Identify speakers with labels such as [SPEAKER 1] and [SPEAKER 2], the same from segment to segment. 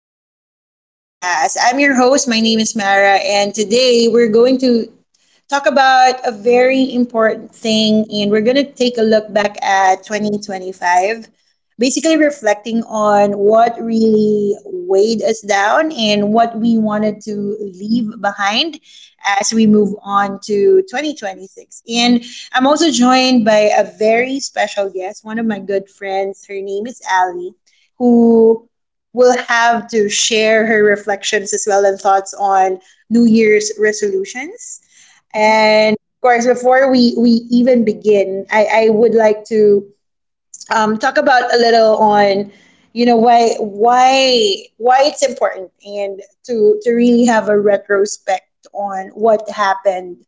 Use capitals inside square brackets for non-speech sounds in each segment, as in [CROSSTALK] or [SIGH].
[SPEAKER 1] to our podcast. I'm your host. My name is Mara, and today we're going to talk about a very important thing, and we're going to take a look back at 2025, basically reflecting on what really weighed us down and what we wanted to leave behind as we move on to 2026. And I'm also joined by a very special guest, one of my good friends. Her name is Ali, who will have to share her reflections as well and thoughts on New Year's resolutions.
[SPEAKER 2] Mhm.
[SPEAKER 1] And of course, before we even begin, I would like to talk about a little on, why it's important and to really have a retrospect on what happened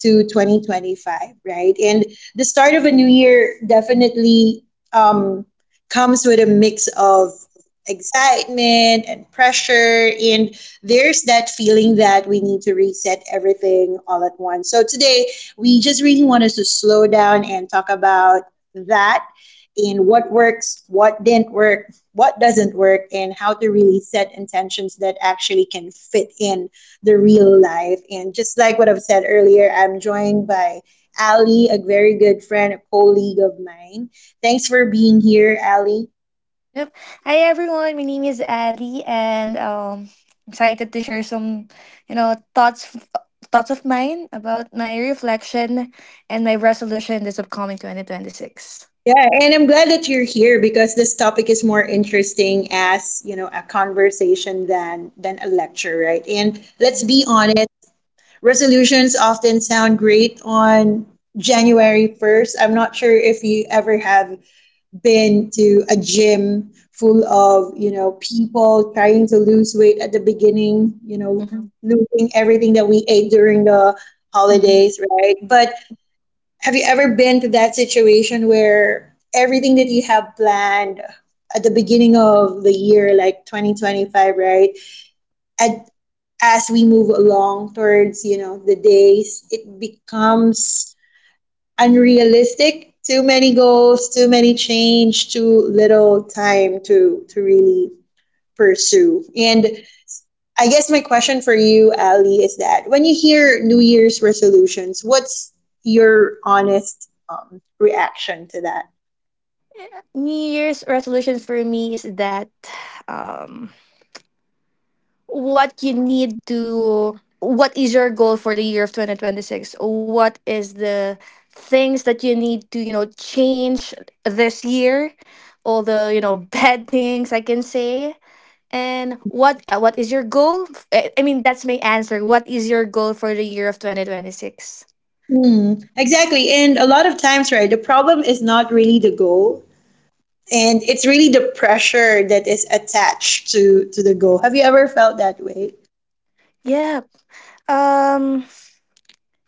[SPEAKER 1] to 2025, right? And the start of a new year definitely um, comes with a mix of excitement and pressure. And there's that feeling that we need to reset everything all at once. So today, we just really want us to slow down and talk about that, and what works, what didn't work, what doesn't work, and how to really set intentions that actually can fit in the real life. And just like what I've said earlier, I'm joined by Ali, a very good friend, a colleague of mine. Thanks for being here, Ali.
[SPEAKER 2] Yep. Hi everyone. My name is Ali, and excited to share some, you know, thoughts thoughts of mine about my reflection and my resolution this upcoming 2026.
[SPEAKER 1] Yeah, and I'm glad that you're here, because this topic is more interesting as, you know, a conversation than a lecture, right? And let's be honest, resolutions often sound great on January 1st. I'm not sure if you ever have been to a gym full of people trying to lose weight at the beginning,
[SPEAKER 2] Mm-hmm.
[SPEAKER 1] losing everything that we ate during the holidays, right? But have you ever been to that situation where everything that you have planned at the beginning of the year, like 2025, right? And as we move along towards the days, it becomes unrealistic. Too many goals, too many change, too little time to really pursue. And I guess my question for you, Ali, is that when you hear New Year's resolutions, what's your honest reaction to that?
[SPEAKER 2] New Year's resolution for me is that um, what is your goal for the year of 2026? What is the things that you need to change this year, all the [LAUGHS] bad things I can say, and what is your goal? I mean, that's my answer. What is your goal for the year of 2026?
[SPEAKER 1] Hmm, exactly. And a lot of times, right, the problem is not really the goal, and it's really the pressure that is attached to the goal. Have you ever felt that way?
[SPEAKER 2] Yeah, um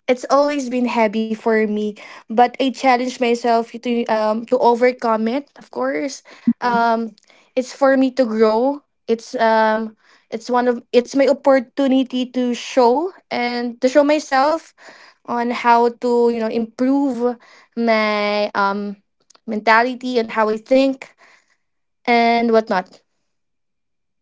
[SPEAKER 2] it's always been heavy for me, but I challenge myself to overcome it. Of course, um, it's for me to grow. It's one of it's my opportunity to show and to show myself on how to improve my mentality and how I think and whatnot.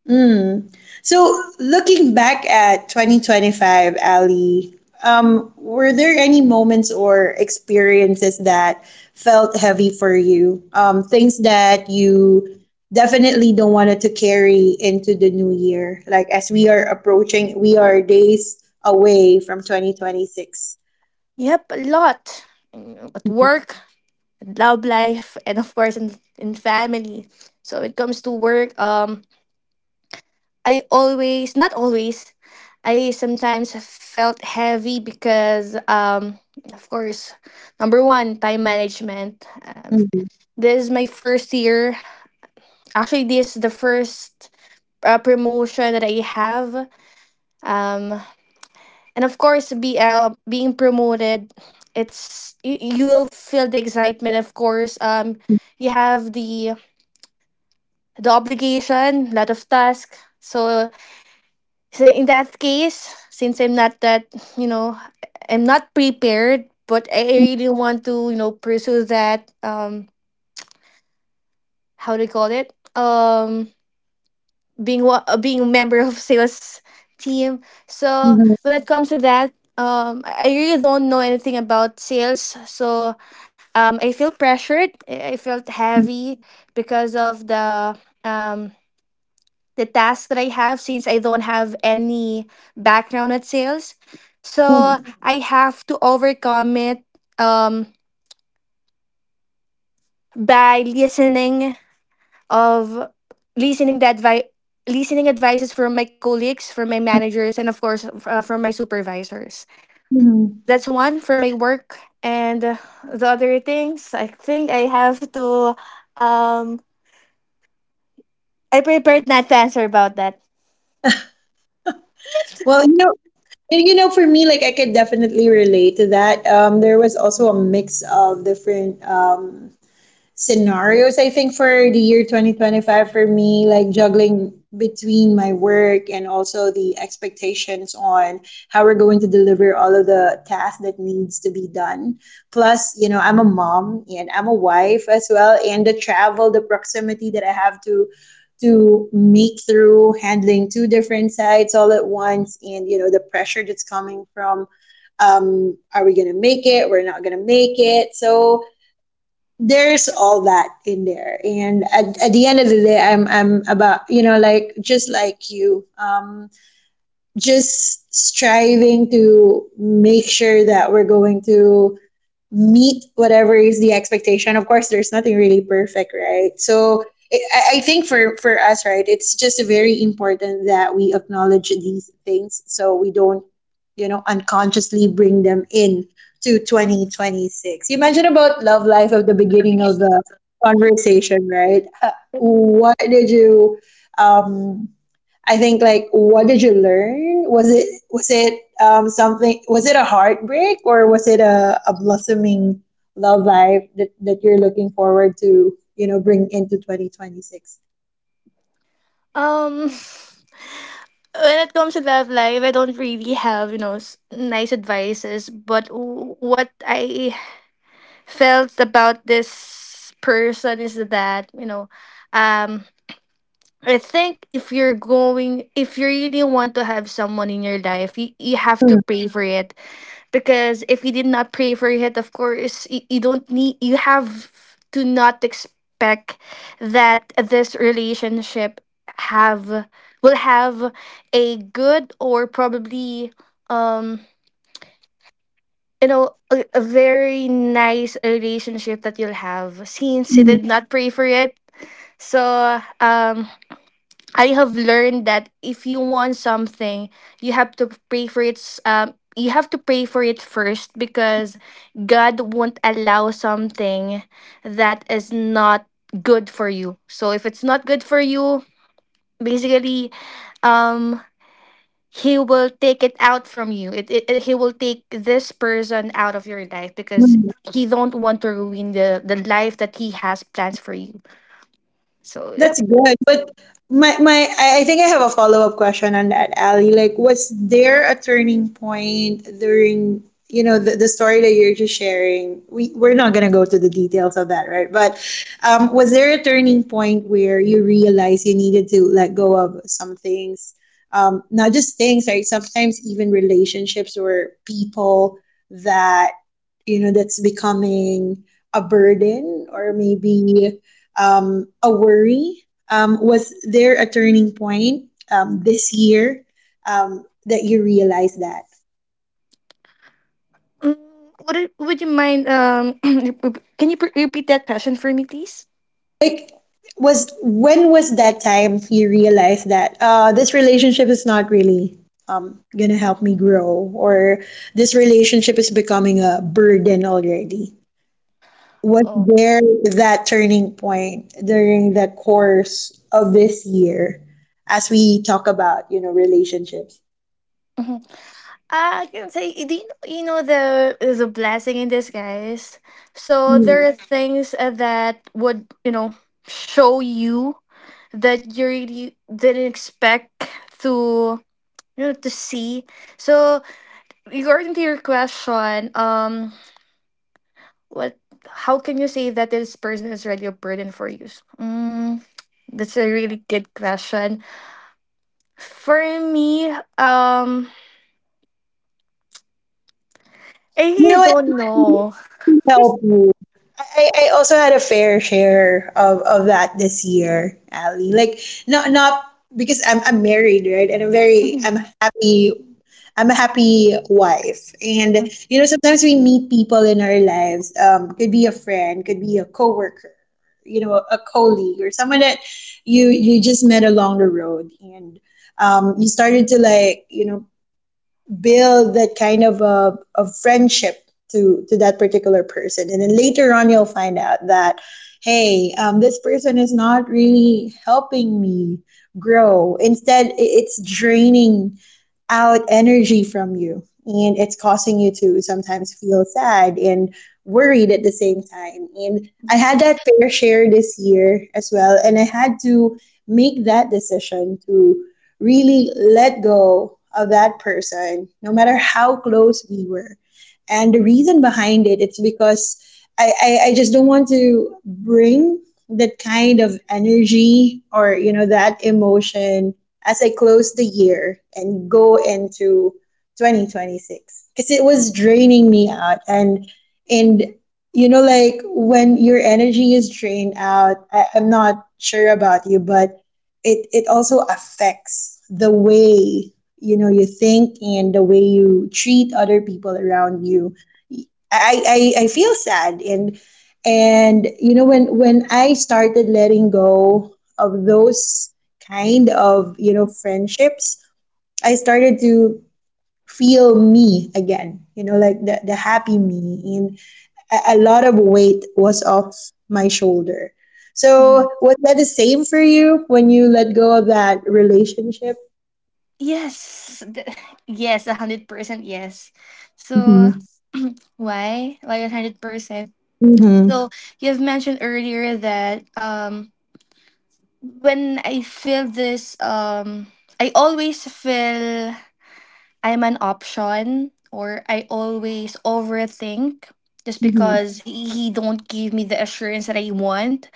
[SPEAKER 1] Mm. So, looking back at 2025, Ali, were there any moments or experiences that felt heavy for you? Things that you definitely don't want to carry into the new year, like, as we are approaching, we are days away from 2026.
[SPEAKER 2] Yep, a lot. At work, love life, and of course in family. So when it comes to work, I always, not always, I sometimes felt heavy because, of course, number one, time management. Um,
[SPEAKER 1] Mhm.
[SPEAKER 2] this is my first year. Actually, this is the first promotion that I have. Um, and of course, BL being promoted, it's you will feel the excitement. Of course, you have the obligation, lot of tasks. So in that case, since I'm not that, you know, I'm not prepared, but I really want to, pursue that. How do you call it? Being a member of [LAUGHS] sales team. So
[SPEAKER 1] Mhm.
[SPEAKER 2] when it comes to that, I really don't know anything about sales. So, I feel pressured. I felt heavy because of um the tasks that I have since I don't have any background at sales. So
[SPEAKER 1] Mhm.
[SPEAKER 2] I have to overcome it um, by listening of listening the advice listening advices from my colleagues, from my managers, and of course from my supervisors.
[SPEAKER 1] Mhm.
[SPEAKER 2] That's one for my work, and the other things I think I have to. Um, I prepared not to answer about that.
[SPEAKER 1] Well, for me, like, I could definitely relate to that. There was also a mix of different scenarios, I think, for the year 2025. For me, like, juggling between my work and also the expectations on how we're going to deliver all of the tasks that needs to be done, plus, I'm a mom and I'm a wife as well, and the travel, the proximity that I have to make through, handling two different sites all at once. And the pressure that's coming from, are we going to make it, we're not going to make it. So there's all that in there. And at the end of the day, I'm about, like, just like you, just striving to make sure that we're going to meet whatever is the expectation. Of course, there's nothing really perfect, right? So I think for us, right, it's just very important that we acknowledge these things so we don't, unconsciously bring them in to 2026. You mentioned about love life at the beginning of the conversation, right? What did you um I think, like, what did you learn? Was it something, was it a heartbreak, or was it a blossoming love life that, that you're looking forward to, you know, bring into 2026?
[SPEAKER 2] Um. [SIGHS] When it comes to love life, I don't really have, nice advices. But what I felt about this person is that, um, I think if you really want to have someone in your life, you have to pray for it. Because if you did not pray for it, of course, you don't need, you have to not expect that this relationship have, will have a good or probably, um, a very nice relationship that you'll have since you did not pray for it. So, I have learned that if you want something, you have to pray for it. You have to pray for it first because God won't allow something that is not good for you. So if it's not good for you, basically, um, He will take it out from you. He will take this person out of your life because He don't want to ruin the life that He has plans for you. So
[SPEAKER 1] That's
[SPEAKER 2] yep.
[SPEAKER 1] good. But my I think I have a follow-up question on that, Ali. Like, was there a turning point during, you know, the story that you're just sharing? We're not gonna go to the details of that, right? But was there a turning point where you realized you needed to let go of some things? Not just things, right? Sometimes even relationships or people that, that's becoming a burden, or maybe a worry? Was there a turning point this year that you realized that?
[SPEAKER 2] Mm, would you mind, [CLEARS THROAT] can you repeat that question for me, please?
[SPEAKER 1] Like, was, when was that time you realized that, this relationship is not really gonna help me grow, or this relationship is becoming a burden already? Was
[SPEAKER 2] Oh,
[SPEAKER 1] there that turning point during the course of this year as we talk about, you know, relationships?
[SPEAKER 2] hmm I can say, you know the is a blessing in disguise. So there
[SPEAKER 1] Hmm.
[SPEAKER 2] are things that would show you that you really didn't expect to you know to see. So regarding to your question, what? How can you say that this person is already a burden for you? Mm, that's a really good question. For me, um, I
[SPEAKER 1] You know
[SPEAKER 2] really
[SPEAKER 1] what?
[SPEAKER 2] don't know.
[SPEAKER 1] Help you. I also had a fair share of that this year, Ali. Like, not because I'm married, right? And
[SPEAKER 2] Mhm,
[SPEAKER 1] happy I'm a happy wife. And you know, sometimes we meet people in our lives. Could be a friend, could be a coworker, you know, a colleague, or someone that you just met along the road, and you started to, like, build that kind of a friendship to that particular person. And then later on you'll find out that, hey, this person is not really helping me grow. Instead, it's draining out energy from you, and it's causing you to sometimes feel sad and worried at the same time. And I
[SPEAKER 2] mhm.
[SPEAKER 1] had that fair share this year as well, and I had to make that decision to really let go of that person, no matter how close we were. And the reason behind it, it's because I just don't want to bring that kind of energy, or that emotion, as I close the year and go into 2026, because it was draining me out. And like, when your energy is drained out, I'm not sure about you, but it also affects the way you think and the way you treat other people around you. I feel sad, and when I started letting go of those kind of friendships, I started to feel me again, like the happy me, and a lot of weight was off my shoulder.
[SPEAKER 2] Mhm.
[SPEAKER 1] So was that the same for you when you let go of that relationship?
[SPEAKER 2] Yes, [SIGHS] yes, 100% yes. So
[SPEAKER 1] Mm-hmm.
[SPEAKER 2] why? Why 100%?
[SPEAKER 1] Mm-hmm.
[SPEAKER 2] So you've mentioned earlier that when I feel this, I always feel I'm an option or I always overthink just because he don't give me the assurance that I want.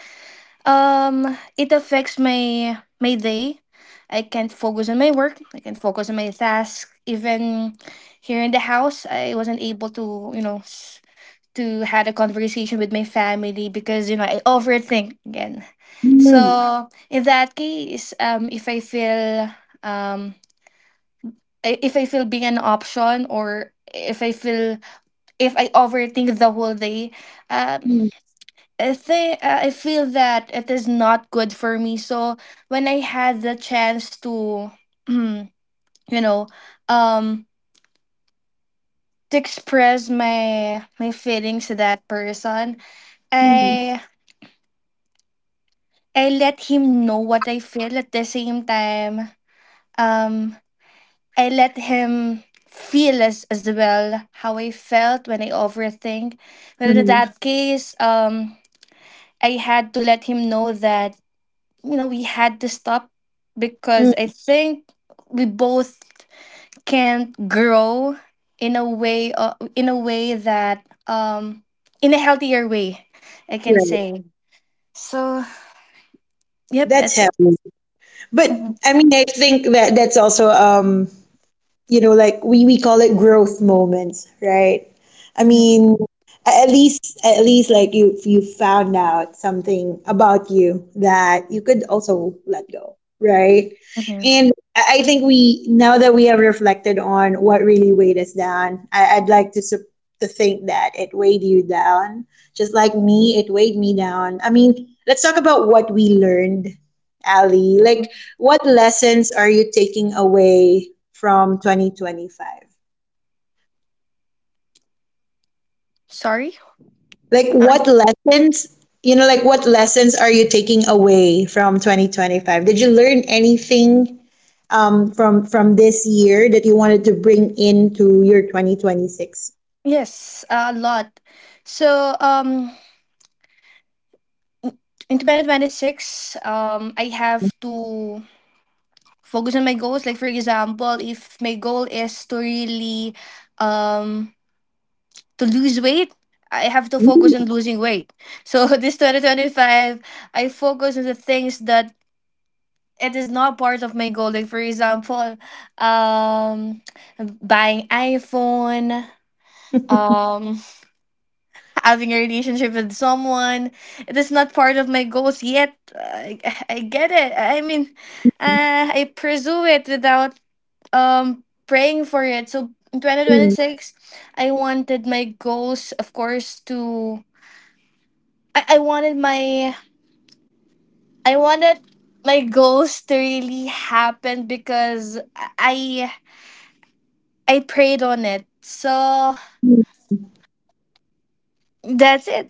[SPEAKER 2] It affects my day. I can't focus on my work. I can't focus on my task. Even here in the house, I wasn't able to had a conversation with my family because I overthink again.
[SPEAKER 1] Mm-hmm.
[SPEAKER 2] So in that case, if I feel um, being an option or if I overthink the whole day, um,
[SPEAKER 1] Mm-hmm.
[SPEAKER 2] I think I feel that it is not good for me. So when I had the chance to, [CLEARS THROAT] you know, um, to express my feelings to that person,
[SPEAKER 1] Mm-hmm.
[SPEAKER 2] I I let him know what I feel at the same time. Um, I let him feel as well how I felt when I overthink. But in
[SPEAKER 1] Mm-hmm.
[SPEAKER 2] that case, I had to let him know that, we had to stop because I
[SPEAKER 1] Mm-hmm.
[SPEAKER 2] think we both can't grow in a way that in a healthier way, I can
[SPEAKER 1] Right.
[SPEAKER 2] say. So, yep, I
[SPEAKER 1] That's
[SPEAKER 2] think.
[SPEAKER 1] heavy. But
[SPEAKER 2] Mhm,
[SPEAKER 1] I mean, I think that that's also, like, we call it growth moments, right? I
[SPEAKER 2] mhm,
[SPEAKER 1] mean, at least like you, if you found out something about you that you could also let go, right?
[SPEAKER 2] mhm.
[SPEAKER 1] And I think, we, now that we have reflected on what really weighed us down, I'd like to think that it weighed you down, just like me, it weighed me down. I mean, let's talk about what we learned, Ali. Like, what lessons are you taking away from 2025?
[SPEAKER 2] Sorry?
[SPEAKER 1] Like, what lessons, you know, like, what lessons are you taking away from 2025? Did you learn anything from this year that you wanted to bring into your 2026?
[SPEAKER 2] Yes, a lot. So, in 2026, I have to focus on my goals. Like, for example, if my goal is to really, um, to lose weight, I have to focus on losing weight. So, [LAUGHS] this 2025, I focus on the things that it is not part of my goal. Like, for example, um, buying iPhone, um, having a relationship with someone. It is not part of my goals yet. I get it. I mean, I pursue it without praying for it. So in
[SPEAKER 1] Mm.
[SPEAKER 2] 2026, I wanted my goals, of course, to I, I wanted my I wanted my goals to really happen because I I prayed on it. So
[SPEAKER 1] [LAUGHS]
[SPEAKER 2] that's it.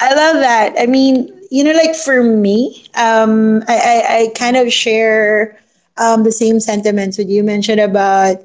[SPEAKER 1] I love that. I mean, you know, like, for me, I kind of share the same sentiments with you mentioned about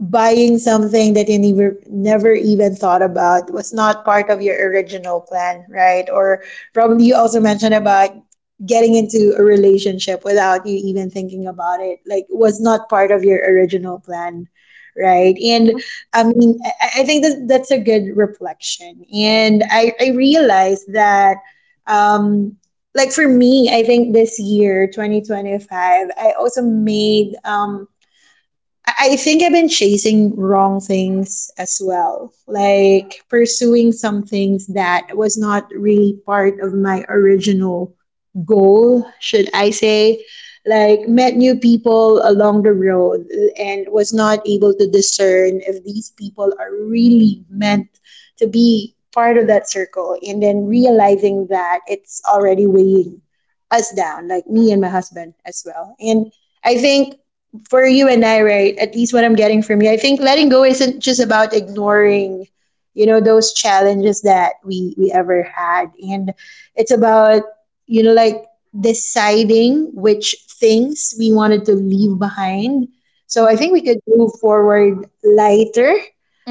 [SPEAKER 1] buying something that you never even thought about, was not part of your original plan, right? Or probably you also mentioned about getting into a relationship without you even thinking about it, like, was not part of your original plan, right? And I mean, I think that that's a good reflection, and I realized that. Um, like, for me, I think this year, 2025, I also made I think I've been chasing wrong things as well, like pursuing some things that was not really part of my original goal, should I say. Like, met new people along the road and was not able to discern if these people are really meant to be part of that circle, and then realizing that it's already weighing us down, like, me and my husband as well. And I think for you and I, right? At least what I'm getting from you, I think letting go isn't just about ignoring, you know, those challenges that we ever had, and it's about like deciding which things we wanted to leave behind. So I think we
[SPEAKER 2] Mm-hmm.
[SPEAKER 1] could move forward lighter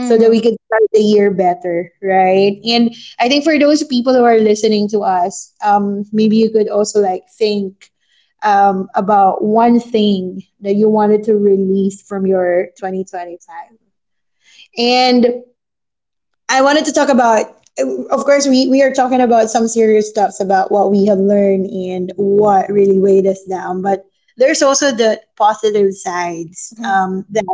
[SPEAKER 1] so that we could start the year better, right? And I think for those people who are listening to us, maybe you could also like think about one thing that you wanted to release from your 2025. And I wanted to talk about, of course, we are talking about some serious stuffs about what we have learned and what really weighed us down, but there's also the positive sides
[SPEAKER 2] Mm-hmm.
[SPEAKER 1] that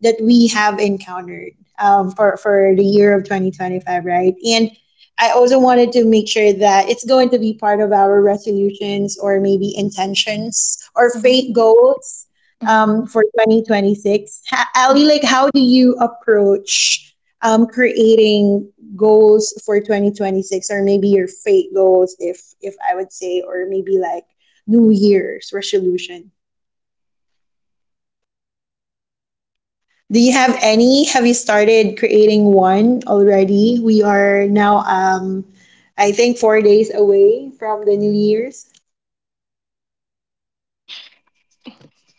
[SPEAKER 1] we have encountered for the year of 2025, right? And I also wanted to make sure that it's going to be part of our resolutions or maybe intentions or
[SPEAKER 2] Mm-hmm.
[SPEAKER 1] faith goals for 2026. Ali, like, how do you approach creating goals for 2026 or maybe your faith goals, if I would say, or maybe like New Year's resolution? Do you have any? Have you started creating one already? We are now, I think, 4 days away from the New Year's.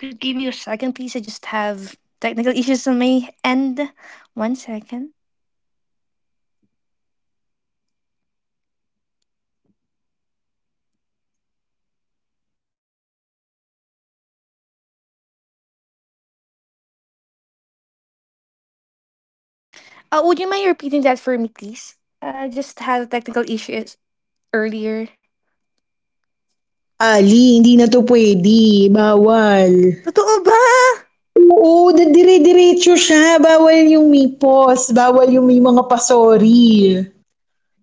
[SPEAKER 2] Could give me a second, please? I just have technical issues on my end. One second. Would you mind repeating that for me, please? I just had technical issues earlier.
[SPEAKER 1] Ali, hindi na to pwede. Bawal.
[SPEAKER 2] Totoo ba?
[SPEAKER 1] Oo, dadire-diretso siya. Bawal yung may pause. Bawal yung may mga pasori.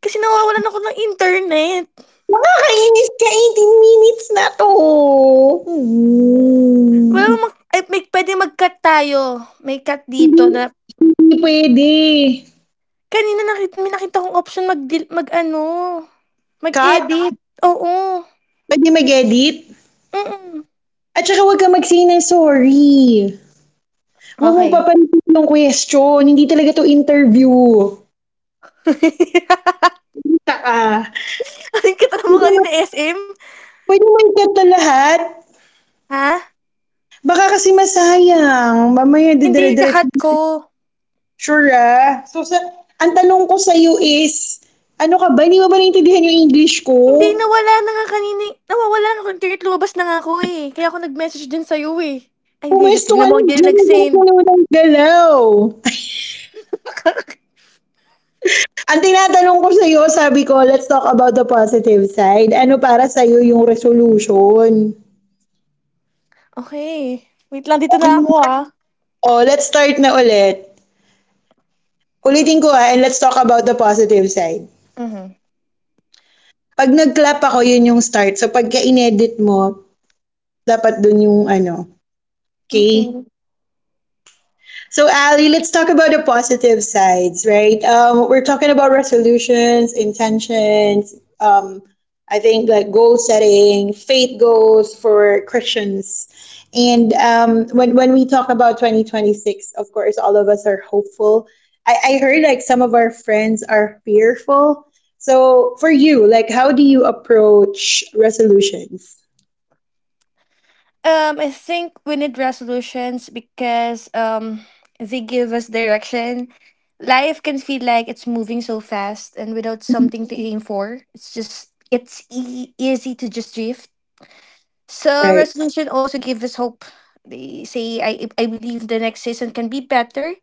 [SPEAKER 2] Kasi nawawalan ako ng internet.
[SPEAKER 1] Makakainis ka 18 minutes na to. Hmm.
[SPEAKER 2] Wala well, mag- ay, may, pwede mag-cut tayo. May cut dito
[SPEAKER 1] Hindi,
[SPEAKER 2] na
[SPEAKER 1] hindi pwede.
[SPEAKER 2] kanina nakita, may nakita kong option mag, mag ano,
[SPEAKER 1] Cut?
[SPEAKER 2] mag-edit. Oo.
[SPEAKER 1] Pwede mag-edit?
[SPEAKER 2] Mm-mm.
[SPEAKER 1] At saka huwag ka mag-say ng sorry. Huwag mong
[SPEAKER 2] Okay.
[SPEAKER 1] papalitin yung question. Hindi talaga to interview.
[SPEAKER 2] [LAUGHS]
[SPEAKER 1] Kita ka.
[SPEAKER 2] Ang kita na mo
[SPEAKER 1] Kita mo,
[SPEAKER 2] kanina SM?
[SPEAKER 1] pwede mo i-cut na lahat.
[SPEAKER 2] Ha?
[SPEAKER 1] Baka kasi masayang. Mamaya
[SPEAKER 2] Hindi,
[SPEAKER 1] didire-diretso.
[SPEAKER 2] kakat ko.
[SPEAKER 1] Sure ah. So, ang tanong ko sa'yo is, ano ka ba? Hindi mo ba naintindihan yung English ko?
[SPEAKER 2] Hindi, nawala na nga kanina eh. Nawawala na akong internet, lumabas na nga ako eh. Kaya ako nag-message din sa'yo eh. Ay, hindi, rin-
[SPEAKER 1] Pumesto ka
[SPEAKER 2] tignan
[SPEAKER 1] na
[SPEAKER 2] mo, hindi rin
[SPEAKER 1] dyan. Huwag
[SPEAKER 2] nag-send.
[SPEAKER 1] mo ng galaw. [LAUGHS]
[SPEAKER 2] [LAUGHS]
[SPEAKER 1] Ang tinatanong ko sa'yo, sabi ko, let's talk about the positive side. Ano para sa'yo yung resolution?
[SPEAKER 2] Okay. Wait lang, dito na ako ah.
[SPEAKER 1] Oh, let's start na ulit. Ulitin ko ha and let's talk about the positive side.
[SPEAKER 2] Mhm.
[SPEAKER 1] Pag nag-clap ako, yun yung start. So, pagka inedit mo, dapat dun yung ano, okay?
[SPEAKER 2] Okay.
[SPEAKER 1] So, Ali, let's talk about the positive sides, right? We're talking about resolutions, intentions. Um, I think like goal setting, faith goals for Christians, and when we talk about 2026, of course, all of us are hopeful. I heard like some of our friends are fearful. So, for you, like, how do you approach resolutions?
[SPEAKER 2] I think we need resolutions because they give us direction. Life can feel like it's moving so fast, and without something to aim for, it's easy to just drift. So
[SPEAKER 1] Right.
[SPEAKER 2] resolution also gives us hope. They say, I believe the next season can be better,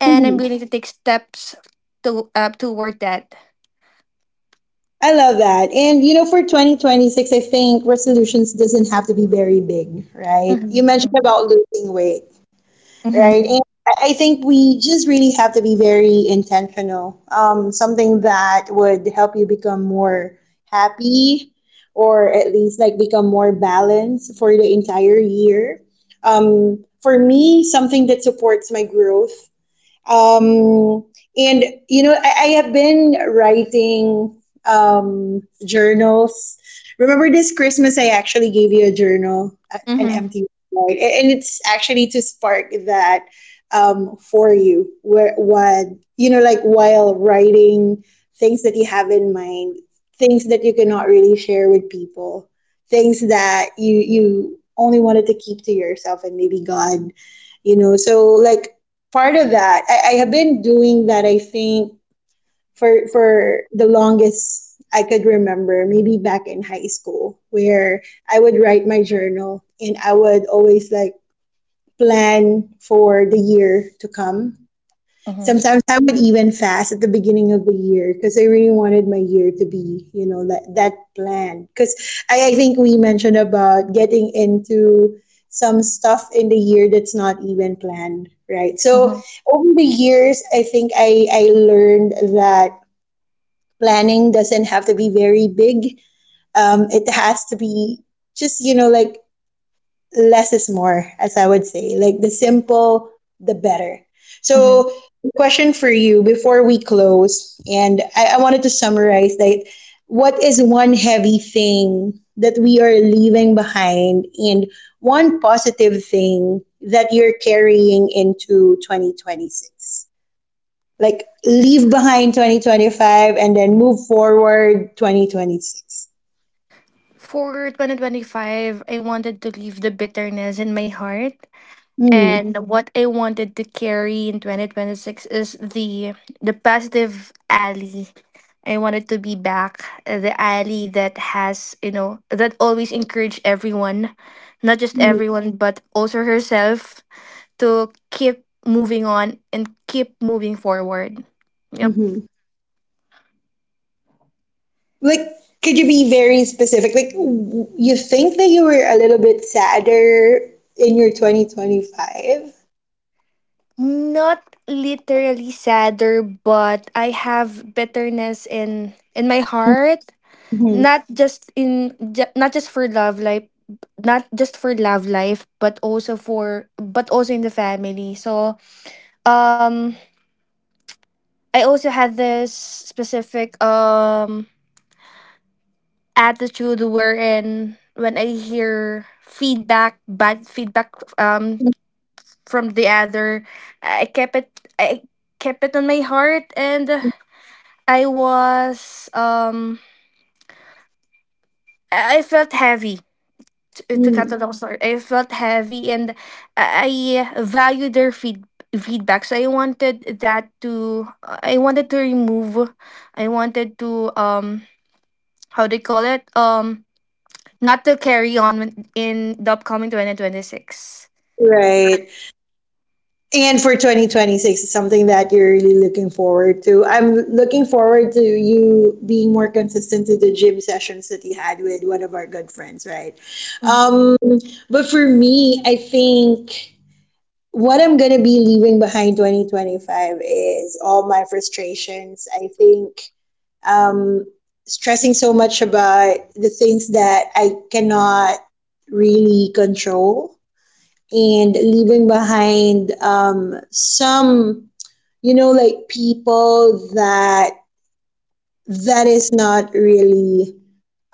[SPEAKER 2] and I'm willing to take steps to toward that.
[SPEAKER 1] I love that. And you know, for 2026, I think resolutions doesn't have to be very big, right?
[SPEAKER 2] Mhm,
[SPEAKER 1] You mentioned
[SPEAKER 2] mhm,
[SPEAKER 1] about losing weight, right?
[SPEAKER 2] mhm,
[SPEAKER 1] And I think we just really have to be very intentional. Something that would help you become more happy or at least like become more balanced for the entire year. For me, something that supports my growth um, and you know, I have been writing journals. Remember this Christmas, I actually gave you a journal, an
[SPEAKER 2] mhm,
[SPEAKER 1] empty one, right? And it's actually to spark that for you, where what you know, like while writing things that you have in mind, things that you cannot really share with people, things that you only wanted to keep to yourself, and maybe God you know so like part of that. I have been doing that, I think, for the longest I could remember, maybe back in high school, where I would write my journal and I would always like plan for the year to come.
[SPEAKER 2] mhm,
[SPEAKER 1] Sometimes I would even fast at the beginning of the year because I really wanted my year to be, you know, that plan. Because I think we mentioned about getting into some stuff in the year that's not even planned, right? So
[SPEAKER 2] mhm,
[SPEAKER 1] over the years, I think I learned that planning doesn't have to be very big. It has to be just, you know, like less is more, as I would say. Like the simple, the better.
[SPEAKER 2] mhm.
[SPEAKER 1] So, question for you before we close, and I wanted to summarize that what is one heavy thing that we are leaving behind, and one positive thing that you're carrying into 2026? Like, leave behind 2025 and then move forward 2026.
[SPEAKER 2] For 2025, I wanted to leave the bitterness in my heart. And
[SPEAKER 1] Mm-hmm.
[SPEAKER 2] what I wanted to carry in 2026 is the positive alley. I wanted to be back the alley that has, you know, that always encouraged everyone, not just
[SPEAKER 1] Mm-hmm.
[SPEAKER 2] everyone, but also herself to keep moving on and keep moving forward. Yep.
[SPEAKER 1] Mm-hmm. Like, could you be very specific? Like, you think that you were a little bit sadder in your 2025?
[SPEAKER 2] Not literally sadder, but I have bitterness in my heart,
[SPEAKER 1] Mhm.
[SPEAKER 2] not just in not just for love life not just for love life, but also in the family. So um I also had this specific attitude wherein when I hear feedback, bad feedback, um from the other, i kept it I kept it on my heart, and I was I felt heavy. To
[SPEAKER 1] Mhm.
[SPEAKER 2] cut a long story, I felt heavy, and I value their feedback. So I wanted to remove, I wanted to, um, how do you call it? Not to carry on in the upcoming 2026.
[SPEAKER 1] Right. And for 2026, it's something that you're really looking forward to. I'm looking forward to you being more consistent to the gym sessions that you had with one of our good friends, right? Um, but for me, I think what I'm going to be leaving behind 2025 is all my frustrations. I think um, stressing so much about the things that I cannot really control and leaving behind some, you know, like people that is not really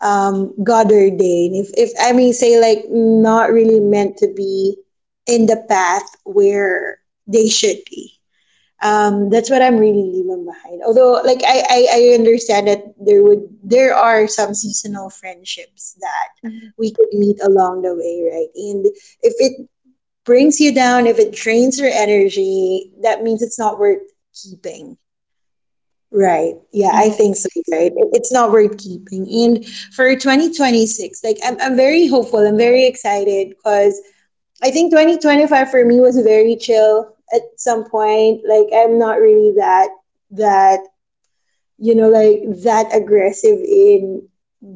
[SPEAKER 1] God ordained. If I may say, like, not really meant to be in the path where they should be that's what I'm really leaving behind. Although, like I understand that there are some seasonal friendships that we could meet along the way, right? And if it brings you down, if it drains your energy, that means it's not worth keeping. Right. Yeah, I
[SPEAKER 2] Mm-hmm.
[SPEAKER 1] think so, right? It's not worth keeping. And for 2026, like I'm very hopeful. I'm very excited because I think 2025 for me was very chill at some point. Like I'm not really that you know, like that aggressive in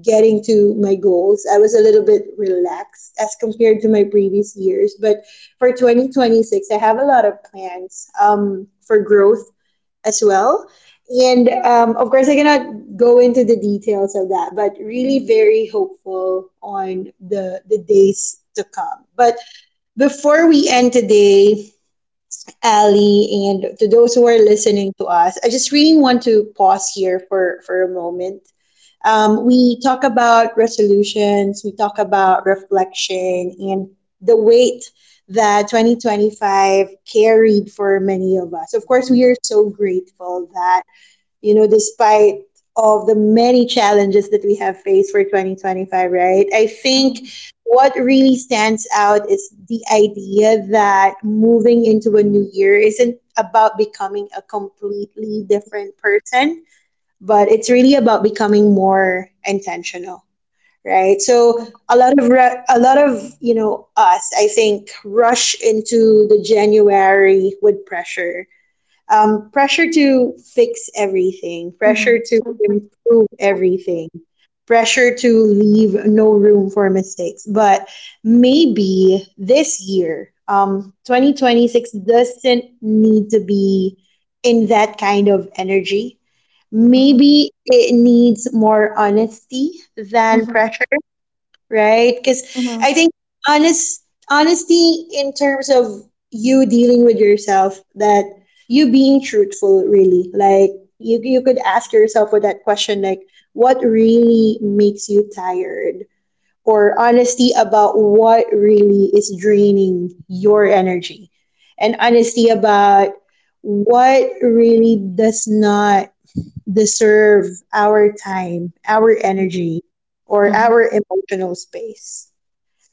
[SPEAKER 1] getting to my goals. I was a little bit relaxed as compared to my previous years. But for 2026, I have a lot of plans for growth as well. And of course, I cannot go into the details of that, but really very hopeful on the days to come. But before we end today, Ali, and to those who are listening to us, I just really want to pause here for a moment. We talk about resolutions, we talk about reflection, and the weight that 2025 carried for many of us. Of course, we are so grateful that you know, despite of the many challenges that we have faced for 2025, right? I think what really stands out is the idea that moving into a new year isn't about becoming a completely different person, but it's really about becoming more intentional, right? So
[SPEAKER 2] Mm-hmm.
[SPEAKER 1] a lot of you know us, I think, rush into the January with pressure pressure to fix everything,
[SPEAKER 2] Mm-hmm.
[SPEAKER 1] pressure to improve everything, pressure to leave no room for mistakes. But maybe this year, 2026 doesn't need to be in that kind of energy.
[SPEAKER 2] Mm-hmm.
[SPEAKER 1] Maybe it needs more honesty than pressure, right? Because
[SPEAKER 2] Mm-hmm.
[SPEAKER 1] I think honesty in terms of you dealing with yourself, that you being truthful, really, like you could ask yourself with that question, like what really makes you tired, or honesty about what really is draining your energy, and honesty about what really does not deserve our time, our energy, or
[SPEAKER 2] Mm-hmm.
[SPEAKER 1] our emotional space,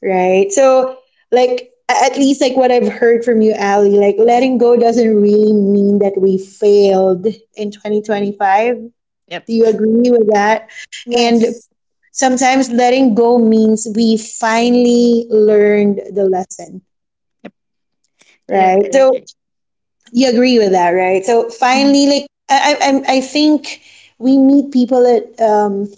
[SPEAKER 1] right? So, like, at least like what I've heard from you, Ali, like letting go doesn't really mean that we failed in 2025.
[SPEAKER 2] Yep.
[SPEAKER 1] Do you agree with that? And
[SPEAKER 2] Yes.
[SPEAKER 1] sometimes letting go means we finally learned the lesson,
[SPEAKER 2] Yeah.
[SPEAKER 1] right?
[SPEAKER 2] I
[SPEAKER 1] So
[SPEAKER 2] agree.
[SPEAKER 1] you agree with that, right? So
[SPEAKER 2] Mhm.
[SPEAKER 1] finally, like I think we meet people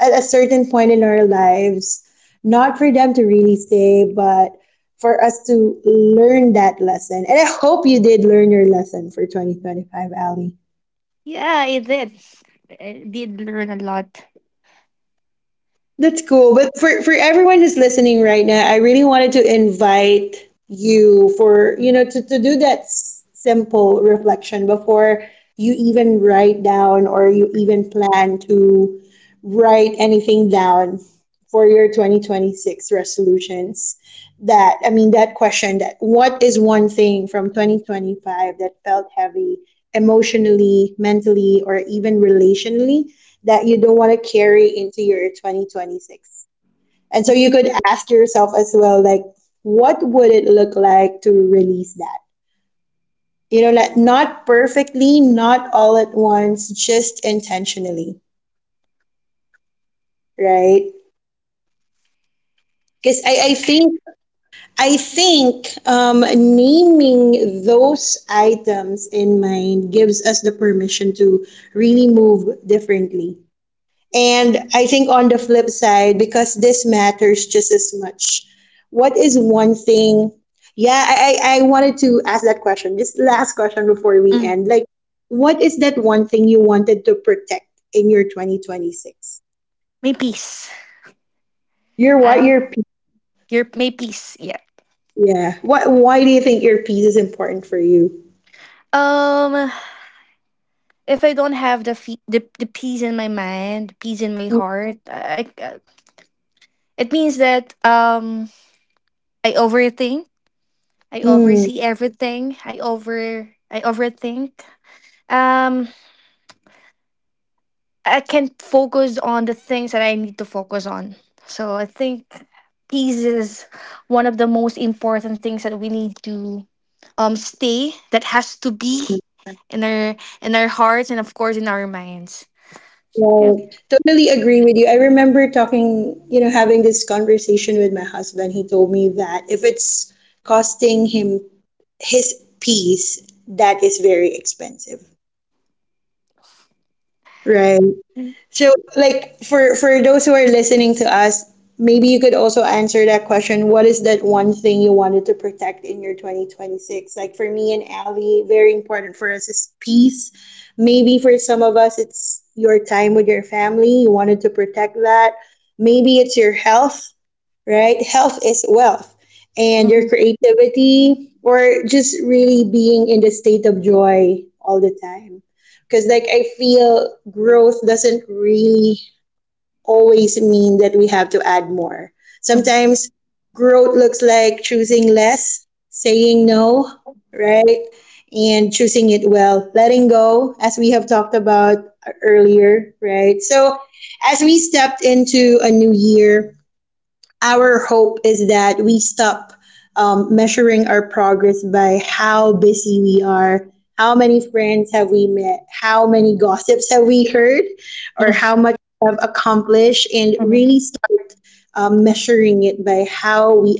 [SPEAKER 1] at a certain point in our lives, not for them to really stay, but for us to learn that lesson. And I hope you did learn your lesson for 2025, Ali.
[SPEAKER 2] Yeah, I did. I did learn a lot.
[SPEAKER 1] That's cool. But for everyone who's listening right now, I really wanted to invite you for, you know, to do that simple reflection before you even write down or you even plan to write anything down for your 2026 resolutions. That I mean that question, that what is one thing from 2025 that felt heavy emotionally, mentally, or even relationally, that you don't want to carry into your 2026. And so you could ask yourself as well, like what would it look like to release that, you know, like not perfectly, not all at once, just intentionally, right? Because I think naming those items in mind gives us the permission to really move differently. And I think on the flip side, because this matters just as much, what is one thing? Yeah, I wanted to ask that question. Just last question before we
[SPEAKER 2] Mm.
[SPEAKER 1] end. Like, what is that one thing you wanted to protect in your 2026?
[SPEAKER 2] May peace.
[SPEAKER 1] Your what? Your peace.
[SPEAKER 2] Your my peace. Yeah.
[SPEAKER 1] Yeah. What? Why do you think your peace is important for you?
[SPEAKER 2] Um, if I don't have the the peace in my mind, the peace in my heart, it means that I overthink, I
[SPEAKER 1] Mm.
[SPEAKER 2] oversee everything, I overthink. Um, I can't focus on the things that I need to focus on. So I think peace is one of the most important things that we need to stay that has to be in our hearts, and of course in our minds. Yeah.
[SPEAKER 1] Right. Totally agree with you. I remember talking, you know, having this conversation with my husband. He told me that if it's costing him his peace, that is very expensive, right?
[SPEAKER 2] Mm.
[SPEAKER 1] So, like for those who are listening to us, maybe you could also answer that question. What is that one thing you wanted to protect in your 2026? Like for me and Ali, very important for us is peace. Maybe for some of us, it's your time with your family. You wanted to protect that. Maybe it's your health, right? Health is wealth. And your
[SPEAKER 2] Mhm,
[SPEAKER 1] creativity or just really being in the state of joy all the time. Because, like, I feel growth doesn't really always mean that we have to add more.
[SPEAKER 2] mhm,
[SPEAKER 1] Sometimes growth looks like choosing less, saying no, right? And choosing it well, letting go, as we have talked about earlier, right? So, as we stepped into a new year, our hope is that we stop measuring our progress by how busy we are, how many friends have we met, how many gossips have we heard, or how
[SPEAKER 2] [LAUGHS]
[SPEAKER 1] much we have accomplished, and
[SPEAKER 2] mhm,
[SPEAKER 1] really start measuring it by how we,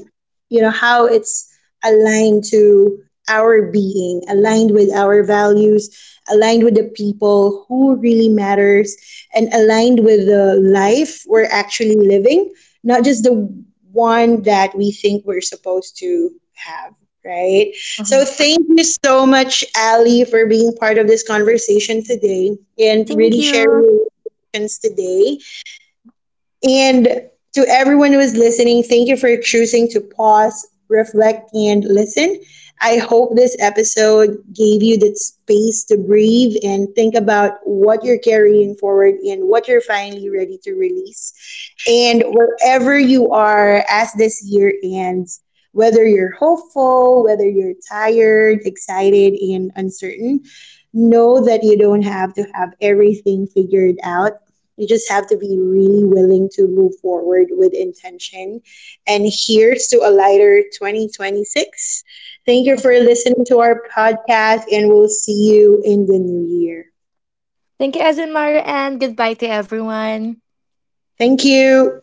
[SPEAKER 1] you know, how it's aligned to our being, aligned with our values, aligned with the people who really matters, and aligned with the life we're actually living, not just the one that we think we're supposed to have. Right. So
[SPEAKER 2] mhm.
[SPEAKER 1] thank you so much, Ali, for being part of this conversation today and
[SPEAKER 2] Thank
[SPEAKER 1] really sharing
[SPEAKER 2] you.
[SPEAKER 1] your experience today. And to everyone who is listening, thank you for choosing to pause, reflect, and listen. I hope this episode gave you that space to breathe and think about what you're carrying forward and what you're finally ready to release. And wherever you are as this year ends, whether you're hopeful, whether you're tired, excited, and uncertain, know that you don't have to have everything figured out. You just have to be really willing to move forward with intention. And here's to a lighter 2026. Thank you for listening to our podcast, and we'll see you in the new year.
[SPEAKER 2] Thank you, Azumara, and goodbye to everyone.
[SPEAKER 1] Thank you.